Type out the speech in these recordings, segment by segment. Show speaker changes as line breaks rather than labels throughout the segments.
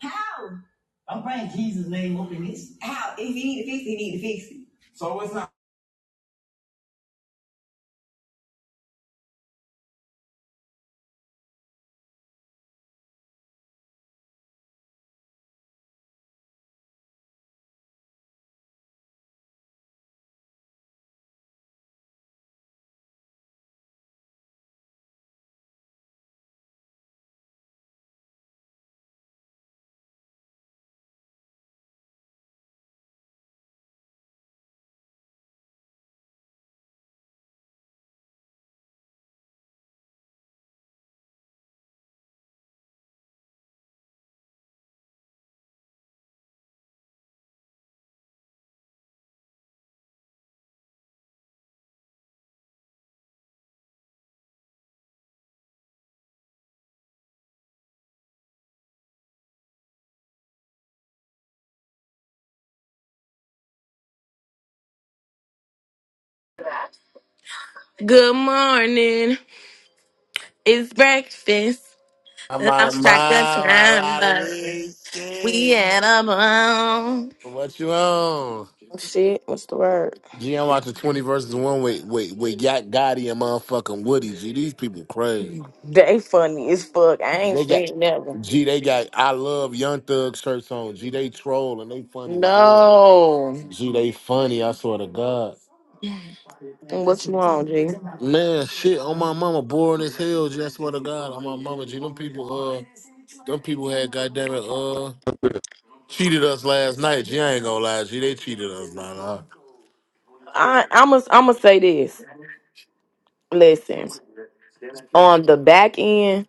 How? I'm praying Jesus' name up in this. How? If he need to fix it, he need to fix it. So it's not.
Good morning. It's breakfast.
My
Lost track of time,
mama,
but we
Lalisky.
had a ball.
What you on?
Shit, what's the word?
G, I'm watching 20 versus 1 with, with, with Yacht Gotti and motherfucking Woody. G, these people crazy.
They funny as fuck. I ain't
They got,
seen never.
G, they got I Love Young Thug shirts on. G, they troll and they funny as hell.
No.
G, they funny, I swear to God.
What you want, G?
Man, shit, on my mama, boring as hell. Just swear to God, on my mama, G, them people, uh, them people had goddamn it, uh, cheated us last night. G, I ain't gonna lie, G, they cheated us, man. Uh,
I, I'm going I'm to say this. Listen, on the back end,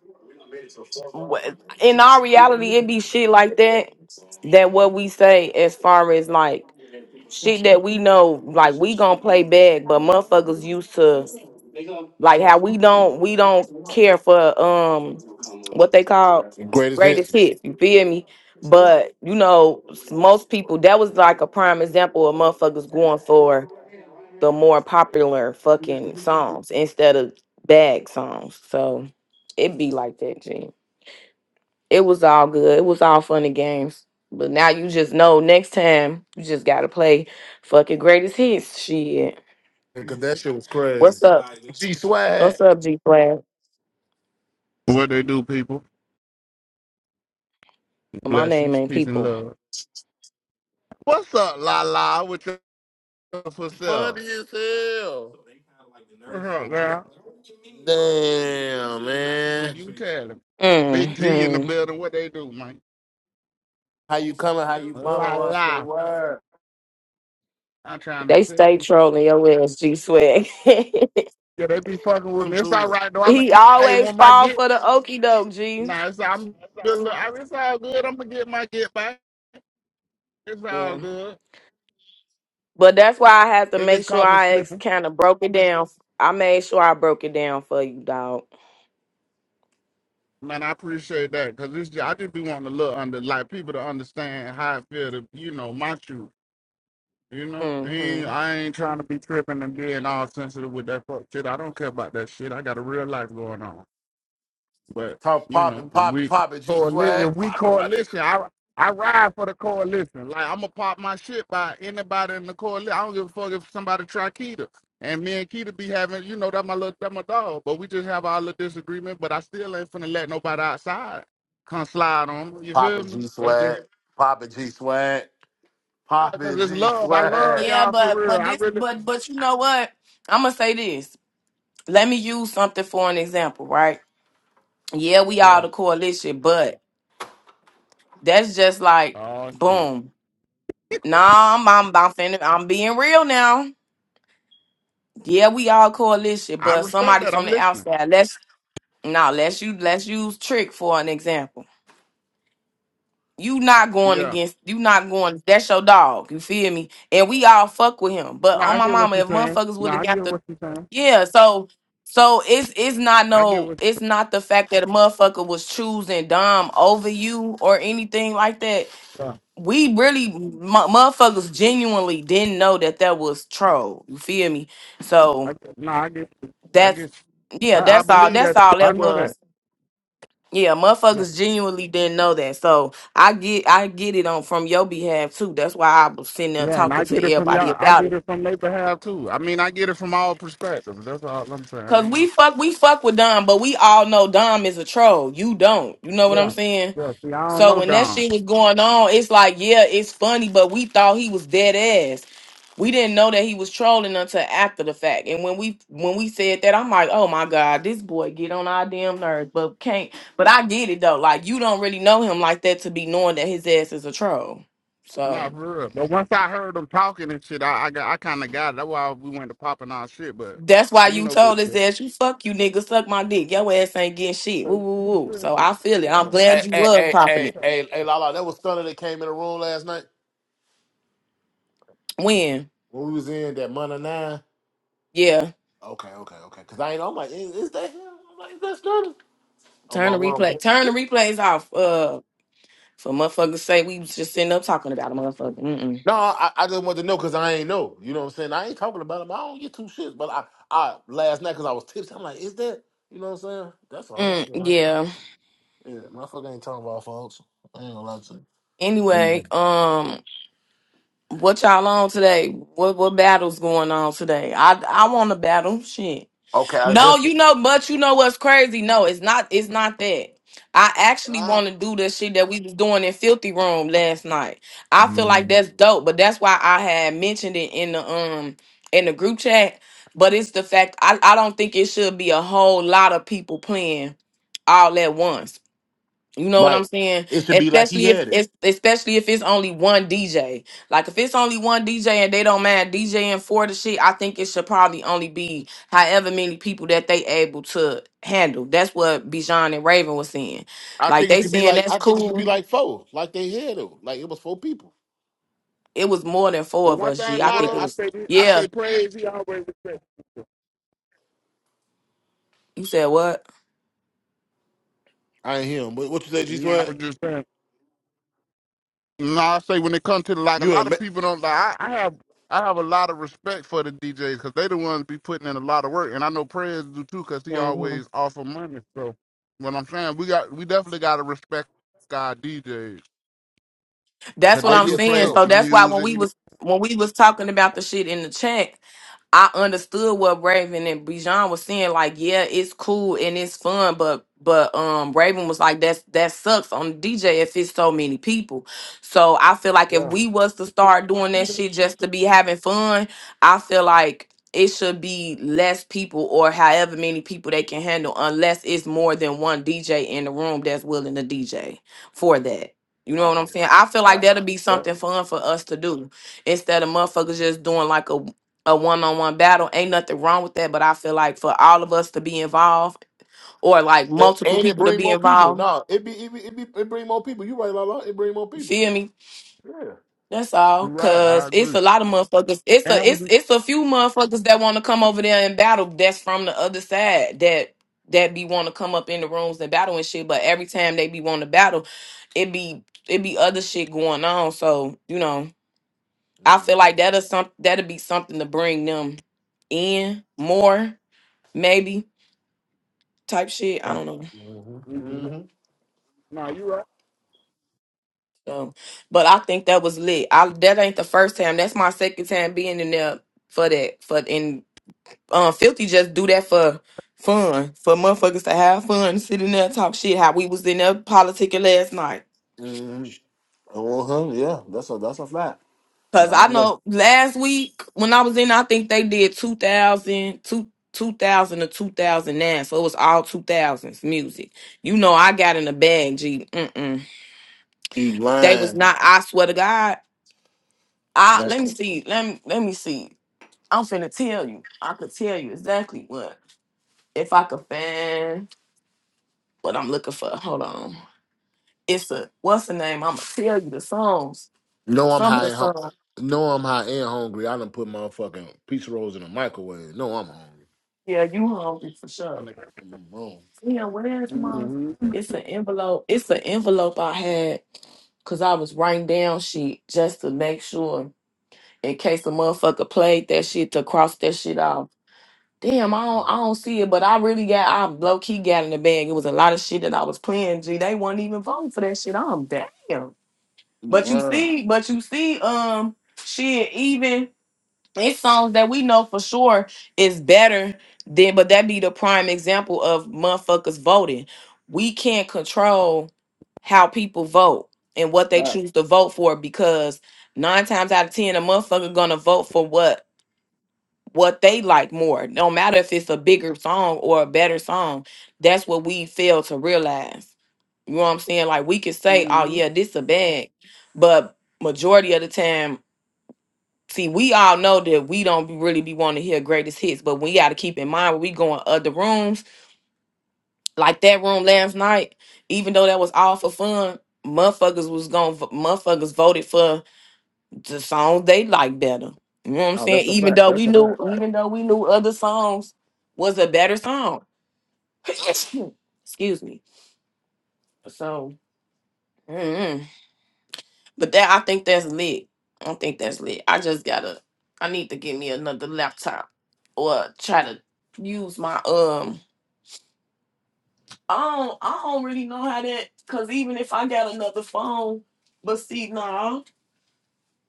wh- in our reality, it be shit like that. That what we say as far as like shit that we know, like we gonna play bad, but motherfuckers used to like how we don't we don't care for um what they call
greatest hits,
greatest hits. You feel me? But you know, s- most people that was like a prime example of motherfuckers going for the more popular fucking songs instead of bag songs. So it be like that, G. It was all good. It was all fun and games. But now you just know next time you just gotta play fucking greatest hits. Shit.
because that shit was
What's
crazy.
up?
G swag,
What's up, G Flag?
What they do, people?
My name
Blessings,
ain't
peace, and
people.
love. What's up, La La? With your for
funny
sale?
as hell.
What's up, girl?
Damn,
Who
man,
you telling? Big G in the
hmm
building. What they do, man?
how you coming? How you bumming?
La
What's the
La.
word?
I'm trying to
They
tell
stay
you.
trolling your ass, G Swag.
Yeah, they be fucking with
Come
me. It's
to
all
it.
right though. I'm. A,
he
Hey,
always
when my
fall
get
for the okie doke, G.
nah, it's I'm. It's all good. I'm gonna get my get back. It's all
Yeah.
good.
But that's why I have to
They
make
just
sure
caught me
I ex-
slipping.
kind of broke it down. I made sure I broke it down for you, dog.
Man, I appreciate that because I just be wanting to look under like people to understand how I feel. To, you know my truth. You know, ain't,
hmm
I ain't trying to be tripping and being all sensitive with that fuck shit. I don't care about that shit. I got a real life going on. But
Talk
you
poppin',
know,
poppin',
we
poppin', G
coalition.
swag,
If we
poppin', my nigga,
coalition, I I ride for the coalition. Like I'm gonna pop my shit by anybody in the coalition. I don't give a fuck if somebody try Keita. And me and Keita be having, you know, that my little that my dog. But we just have our little disagreement. But I still ain't finna let nobody outside come slide on me. You feel
poppin'
me?
G
That's just
swag, poppin' G swag.
because
Poppin'
it's
G
love. I love
swag.
Yeah,
y'all for
but
real.
but
I
this
really.
but but you know what? I'm gonna say this. let me use something for an example, right? Yeah, we all
yeah.
the coalition, but that's just like
Oh shit.
boom. Nah, I'm I'm, I'm, finna, I'm being real now. Yeah, we all coalition,
I
but
respect
somebody
that. I'm
from the
listening.
outside. Let's now let's you let's use trick for an example. You not going
Yeah.
against you not going that's your dog, you feel me? And we all fuck with him. But
No,
on
I
my
get what
mama,
you're
if
saying.
motherfuckers
No,
would have
I
got
get
the
what you're saying.
Yeah, so so it's it's not
I get
no
what.
it's not the fact that a motherfucker was choosing Dom over you or anything like that.
Yeah.
We really m- motherfuckers genuinely didn't know that that was troll. You feel me?
I
So
get, no, I get. I
that's
get.
yeah,
I, I
that's all.
believe
That's
that.
all
I
that
know that.
was. Yeah,
Yeah.
motherfuckers genuinely didn't know that. So I get I get it on from your behalf too. That's why I was sitting there
Yeah, and
talking
I
to
get it from
everybody
y'all. I
about it
get it from their behalf too. I mean, I get it from all perspectives. That's all I'm saying.
Cause we
Ain't,
fuck, we fuck with Dom, but we all know Dom is a troll. You don't. You know what I'm
yeah.
saying?
Yeah. See, I don't
So
know
when that
Don.
shit was going on, it's like, yeah, it's funny, but we thought he was dead ass. We didn't know that he was trolling until after the fact. And when we when we said that, I'm like, oh my god, this boy get on our damn nerves, but can't. But I get it though. Like you don't really know him like that to be knowing that his ass is a troll.
Nah,
So.
for real. But once I heard them talking and shit, I I, got- I kind of got it. That's why we went to popping our shit. But
That's why
ain't
you
no big
told us
shit.
that you fuck you nigga, suck my dick. Your ass ain't getting shit.
Uh,
Woo woo
you
woo. So
driven.
I feel it.
Yeah.
I'm
Hey,
glad you
hey,
was
hey,
popping
hey,
it.
hey, hey, Lala, that was Stunner that came in the room last night
When?
when we was in that Monday Nine.
Yeah.
Okay, okay, okay. Cause I ain't. I'm like, is, is that him? I'm like, is that Stunner? Oh
Turn
my
the
mom.
replay. Turn the replays off. Uh, for motherfuckers say we was just sitting up talking about a motherfucker. Mm-mm.
No, I, I just wanted to know because I ain't know. You know what I'm saying? I ain't talking about him. I don't get two shits. But I, I last night because I was tipsy. I'm like, is that? You know what I'm saying? That's all
Mm,
shit, man.
yeah.
Yeah, motherfucker ain't talking about folks. I ain't gonna lie to you.
Anyway, um, what y'all on today? What what battles going on today? I I want to battle. Shit.
Okay, I
No,
best.
you know, but you know what's crazy? No, it's not. It's not that. I actually
Nah.
want to do the shit that we was doing in Filthy Room last night. I feel like that's
Right.
dope, but that's why I had mentioned it in the um in the group chat. But it's the fact I, I don't think it should be a whole lot of people playing all at once. You know what I'm saying?
It should be like he
Especially if
had it.
it's especially if it's only one DJ. Like if it's only one DJ and they don't mind DJing for the shit, I think it should probably only be however many people that they able to handle. That's what Bijan and Raven was saying.
I
Like
think it
they
should be
saying
like
that's
I think it should be
cool.
like four, like they had though. Like it was four people.
It was more than four
But
of
one
us,
thing
G.
It
I
about
think
it,
it
I
was.
was
say I
yeah.
say praise. He always respect.
You said what?
I ain't hear him. What, what you say, G
Yeah, I was
Sweat?
just saying. No, I say when it comes to like a
You
lot
in a?
of people don't like. I, I have I have a lot of respect for the DJs because they the ones be putting in a lot of work, and I know praise do too because he always offer money. So what I'm saying, we got we definitely got to respect our DJs
That's
because
what
Oh
they
I'm
do
yeah, for
saying.
play
sure.
So
the
that's why when
music.
we
You
was when we was talking about the shit in the chat, I understood what Raven and Bijan was saying. Like, yeah, it's cool and it's fun, but but um Raven was like, that's that sucks on the DJ if it's so many people. So I feel like if
know?
we was to start doing that
Yeah,
shit just to be having fun, I feel like it should be less people or however many people they can handle, unless it's more than one DJ in the room that's willing to DJ for that. You know
Oh
what I'm
yeah.
saying? I feel like that'll be
yeah,
something fun for us to do instead of motherfuckers just doing like a a one on one battle. Ain't nothing wrong with that, but I feel like for all of us to be involved or like
And,
multiple
and it
people to
bring
be
more people.
involved,
No, it be it be, it be it bring more people. You right, Lala. It bring more
you
people.
feel me?
Yeah.
That's all,
you're right. I
cause it's
agree.
a lot of motherfuckers. It's a
And we
it's
do.
it's a few motherfuckers that want to come over there and battle. That's from the other side that that be want to come up in the rooms and battle and shit. But every time they be want to battle, it be it be other shit going on. So you know. I feel
hmm
like that'll some that'll be something to bring them in more, maybe type shit. I
Right.
don't know.
hmm
hmm
hmm
No, you're right.
So, but I think that was lit. I that ain't the first time. That's my second time being in there for that. For and um, filthy just do that for fun, for motherfuckers to have fun, sit in there and talk shit. How we was in there politicking last night.
hmm Uh-huh. Yeah. That's a that's a fact.
Cause
Cause
I
I know
know last week when I was in, I think they did 2000, 2000 to 2009. So it was all 2000s music. You know, I got in a bag, G. Mm-mm.
you
They was
lying.
not, I swear to God. I, let
That's
me see. Let me, let me see. I'm finna tell you. I could tell you exactly what. If I could find what I'm looking for. Hold on. It's a, what's the name? I'm gonna tell you the songs.
No, I'm
Some of
high
the
and hungry.
songs.
No, I'm high and hungry. I done put my fucking pizza rolls in the microwave. No, I'm hungry.
Yeah, you hungry for sure.
I know.
I'm wrong.
Yeah, where's my?
Mhm.
It's an envelope. It's an envelope I had because I was writing down shit just to make sure in case a motherfucker played that shit to cross that shit off. Damn, I don't, I don't see it, but I really got, I low key got in the bag. It was a lot of shit that I was playing. G, they weren't even voting for that shit. I'm damn.
I'm
But you
wrong.
see, but you see, um, shit, even it's songs that we know for sure is better than but that be the prime example of motherfuckers voting we can't control how people vote and what they
Right.
choose to vote for because nine times out of ten a motherfucker gonna vote for what what they like more no matter if it's a bigger song or a better song that's what we fail to realize you know what i'm saying like we can say oh
Mhm.
yeah this a bag but majority of the time see, we all know that we don't be- really be wanting to hear greatest hits, but we got to keep in mind when we go in other rooms, like that room last night, even though that was all for fun, motherfuckers was going, motherfuckers voted for the songs they like better. You know what I'm saying? Even though we knew, even though we knew other songs was a better song. Excuse me. So, mm-hmm. But that I think that's lit. I think that's lit. I just gotta I need to get me another laptop or try to use my um I don't I don't really know how that cause even if I got another phone, but see nah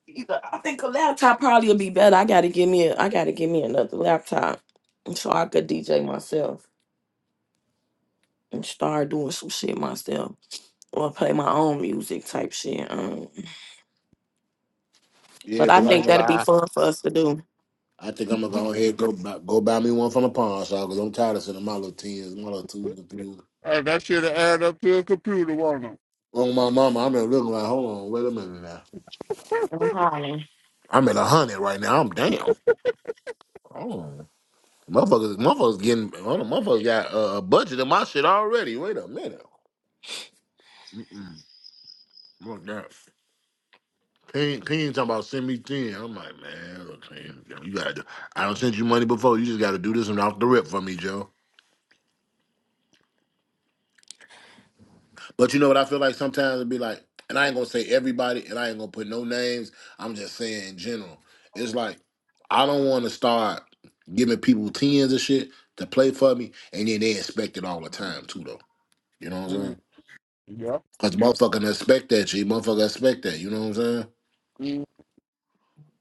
either I think a laptop probably would be better. I gotta give me a I gotta give me another laptop so I could DJ myself and start doing some shit myself. Or play my own music type shit. Um, but
Yeah,
I
I ain't
think
gonna
that'd be
lie.
fun for us to do.
I think I'm gonna go ahead and go buy, go buy me one from the pawn shop because I'm tired of sending my little tens, my little twos, and threes.
Hey, that should have added up to a computer, wasn't it?
On my mama, I'm been looking like, hold on, wait a minute now.
I'm hollering.
I'm at a hundred right now. I'm down. Hold on. Motherfuckers, motherfuckers getting, hold on, motherfuckers got uh, a budget in my shit already. Wait a minute. Mm-mm. Fuck that. Payne, Payne talking about send me ten. I'm like, man, look, Payne, you gotta do. I don't send you money before. You just gotta do this and off the rip for me, Joe. But you know what I feel like sometimes it'd be like, and I ain't gonna say everybody, and I ain't gonna put no names. I'm just saying in general. It's like I don't want to start giving people tens and shit to play for me, and then they expect it all the time too, though. You know what I'm saying?
Mm, yeah.
Cause motherfucker expect that shit. Motherfucker expect that. You know what I'm saying?
Mm,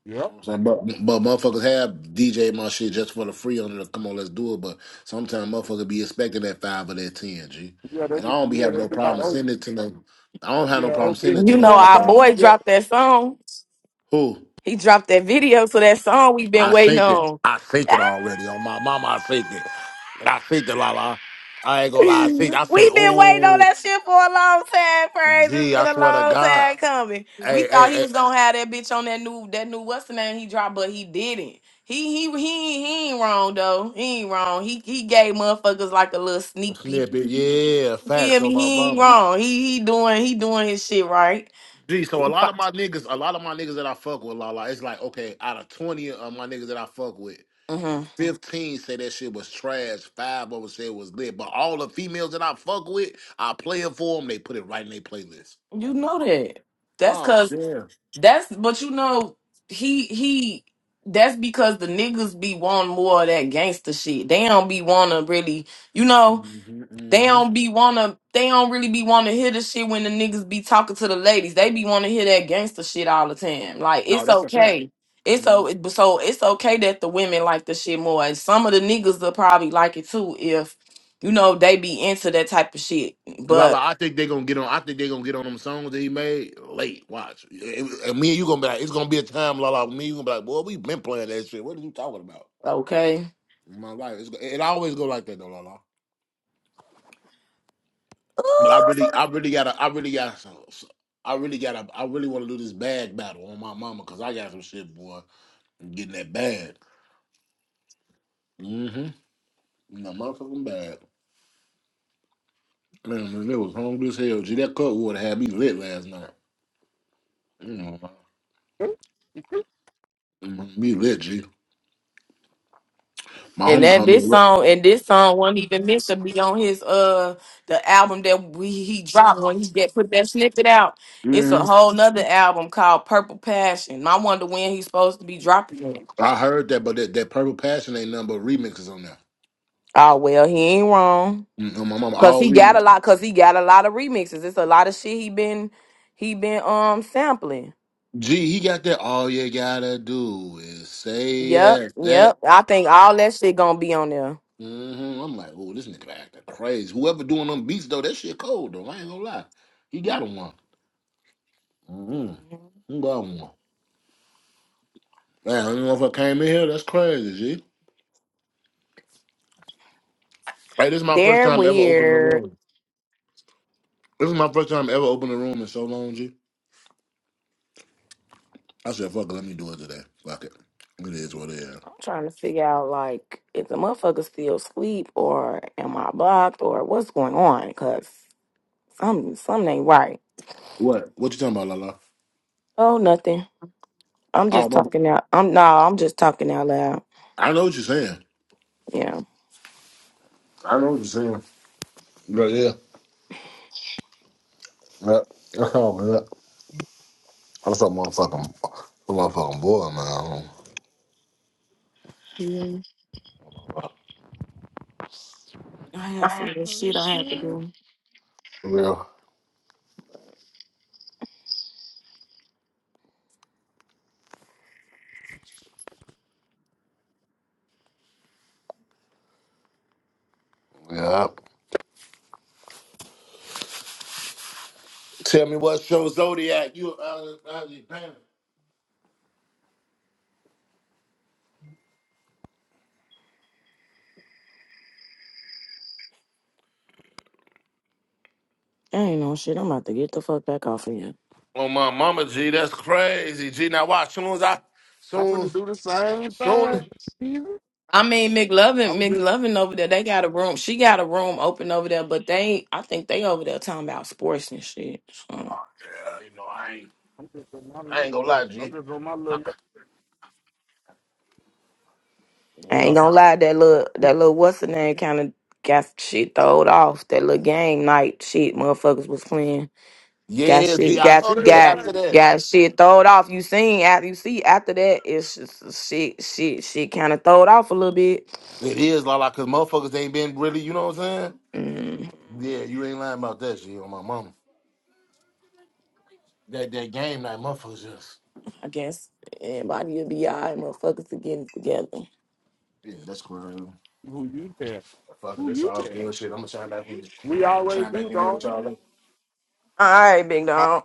yeah.
So, but, but motherfuckers have DJ my shit just for the free on it. Like, Come on, let's do it. But sometimes motherfuckers be expecting that five or that ten, G.
Yeah, they
And
be,
I don't be
yeah,
having
they
no
be like,
problem
oh,
sending it to them. I don't have no
yeah, oh,
problem sending
Big
it
You
to
D
them
know
won
our
about
motherfucker.
him.
boy
Yeah.
dropped that song.
Who?
He dropped that video to that song we've been
I
waiting
sent it.
on.
I sent
Ah!
it already. On my mama, I sent it. I sent it, la la. I ain't gonna lie, I sent I say,
We've been waiting on
oh,
that shit for a long time, praise. It's
gee, I
been a
swear to
long
God.
time coming. We
Hey, hey,
thought he
hey.
was gonna have that bitch on that new that new what's the name he dropped, but he didn't. He he he he ain't wrong though. He ain't wrong. He he gave motherfuckers like a little sneak
Snippet,
peek.
yeah,
Feel
facts on
me?
my
He ain't
mama.
wrong. He he doing he doing his shit right.
Gee, so a lot of my niggas, a lot of my niggas that I fuck with, Lala, it's like, okay, out of 20 of my niggas that I fuck with,
hmm
15 say that shit was trash, five of them say it was lit. But all the females that I fuck with, I play it for them, they put it right in their playlist. Oh,
You
my-
know that. That's
oh
cause
damn.
that's but you know he he that's because the niggas be wanting more of that gangster shit. They don't be wanna really you know.
hmm
They
hmm
don't be wanna. They don't really be wanna hear the shit when the niggas be talking to the ladies. They be wanna hear that gangster shit all the time. Like
No,
it's
that's a fact.
okay. It's
Mhm.
so so it's okay that the women like the shit more. And some of the niggas will probably like it too if you know they be into that type of shit.
Lala,
But
I think they gonna get on. I think they gonna get on them songs that he made late. Watch, It- and me and you gonna be like, it's gonna be a time, Lala. Me and you gonna be like, boy, we been playing that shit. What are you talking about?
okay.
My life, it's, it always go like that though, Lala. But I really, I really gotta, I really gotta, so- so- I really gotta, I really want to do this bag battle on my mama because I got some shit, boy. I'm getting that bag. Mm-hmm. The motherfucking bag. Man, man, it was hungry as hell. G, that cut would have had me lit last night. You know, mm, me lit, G. My
And
homie
that
called me.
this song and this song wasn't even meant to be on his uh the album that we he dropped when he get put that snippet out. It's a
Mm-hmm.
whole nother album called Purple Passion. I wonder when he's supposed to be dropping it.
I heard that, but that, that Purple Passion ain't nothing but remixes on there.
Oh well, he ain't wrong.
Mm-hmm. My mama
Cause
all
he got a
remixes.
lot cause he got a lot of remixes. It's a lot of shit he been he been um sampling.
Gee, he got that. All you gotta do is say
Yep,
yes. That
yep. I think all that shit gonna be on there.
hmm I'm like, oh, this nigga acting crazy. Whoever doing them beats though, that shit cold though. I ain't gonna lie. He got him one. Mm-hmm.
Mhm.
He got him one. Man, I don't know if I came in here. That's crazy, G. Hey, this is my first
They're
time ever opening a
weird.
room. This is my first time ever opening a room in so long, G. I said, fuck it, let me do it today. Fuck it. It is what it is.
I'm trying to figure out like if the motherfucker still sleep or am I blocked or what's going on? Cause some something ain't right.
What? What you talking about, Lala?
Oh, nothing. I'm
Oh,
just
my,
talking out. I'm no. I'm just talking out loud.
I know what you're saying.
Yeah.
I know what you're saying. Yeah, yeah. yeah. Oh, man, I'm so motherfucking, so motherfucking boy, man.
Yeah. I had some little shit I had to do.
Yeah. Yeah. Tell me what show Zodiac you out of out of your pants.
ain't no shit. I'm about to get the fuck back off of here.
Oh my mama G, that's crazy. G now watch soon as I
I'm
soon
finna do the same
soon
thing. Jesus.
I mean,
I
McLovin,
was just,
McLovin over there, they got a room. She got a room open over there, but they, I think they over there talking about sports and shit. So.
Yeah, you know I ain't
I'm just on my
I ain't
lunch
gonna
break.
lie,
I'm
G.
just on my little.
I
Yeah.
ain't gonna lie, that little that little what's the name kind of got shit throwed off. That little game night shit motherfuckers was playing. Got
Yeah,
shit,
G, I
got
Oh,
seen
they were
it
got
after
playing.
that.
got shit throwed off. You seen after you see after that, it's just shit, shit, shit kind of throwed off a little bit.
It is la cause motherfuckers ain't been really, you know what I'm saying?
Mm,
Yeah, you ain't lying about that, G on my mama. That that game night motherfuckers just
I guess everybody will be alright. Motherfuckers are getting together. All
Who you tell? Who
this
you
all
tell?
good shit. I'm gonna shine back in
We always
chime back
do,
in there with
dog.
y'all later.
right, big dog.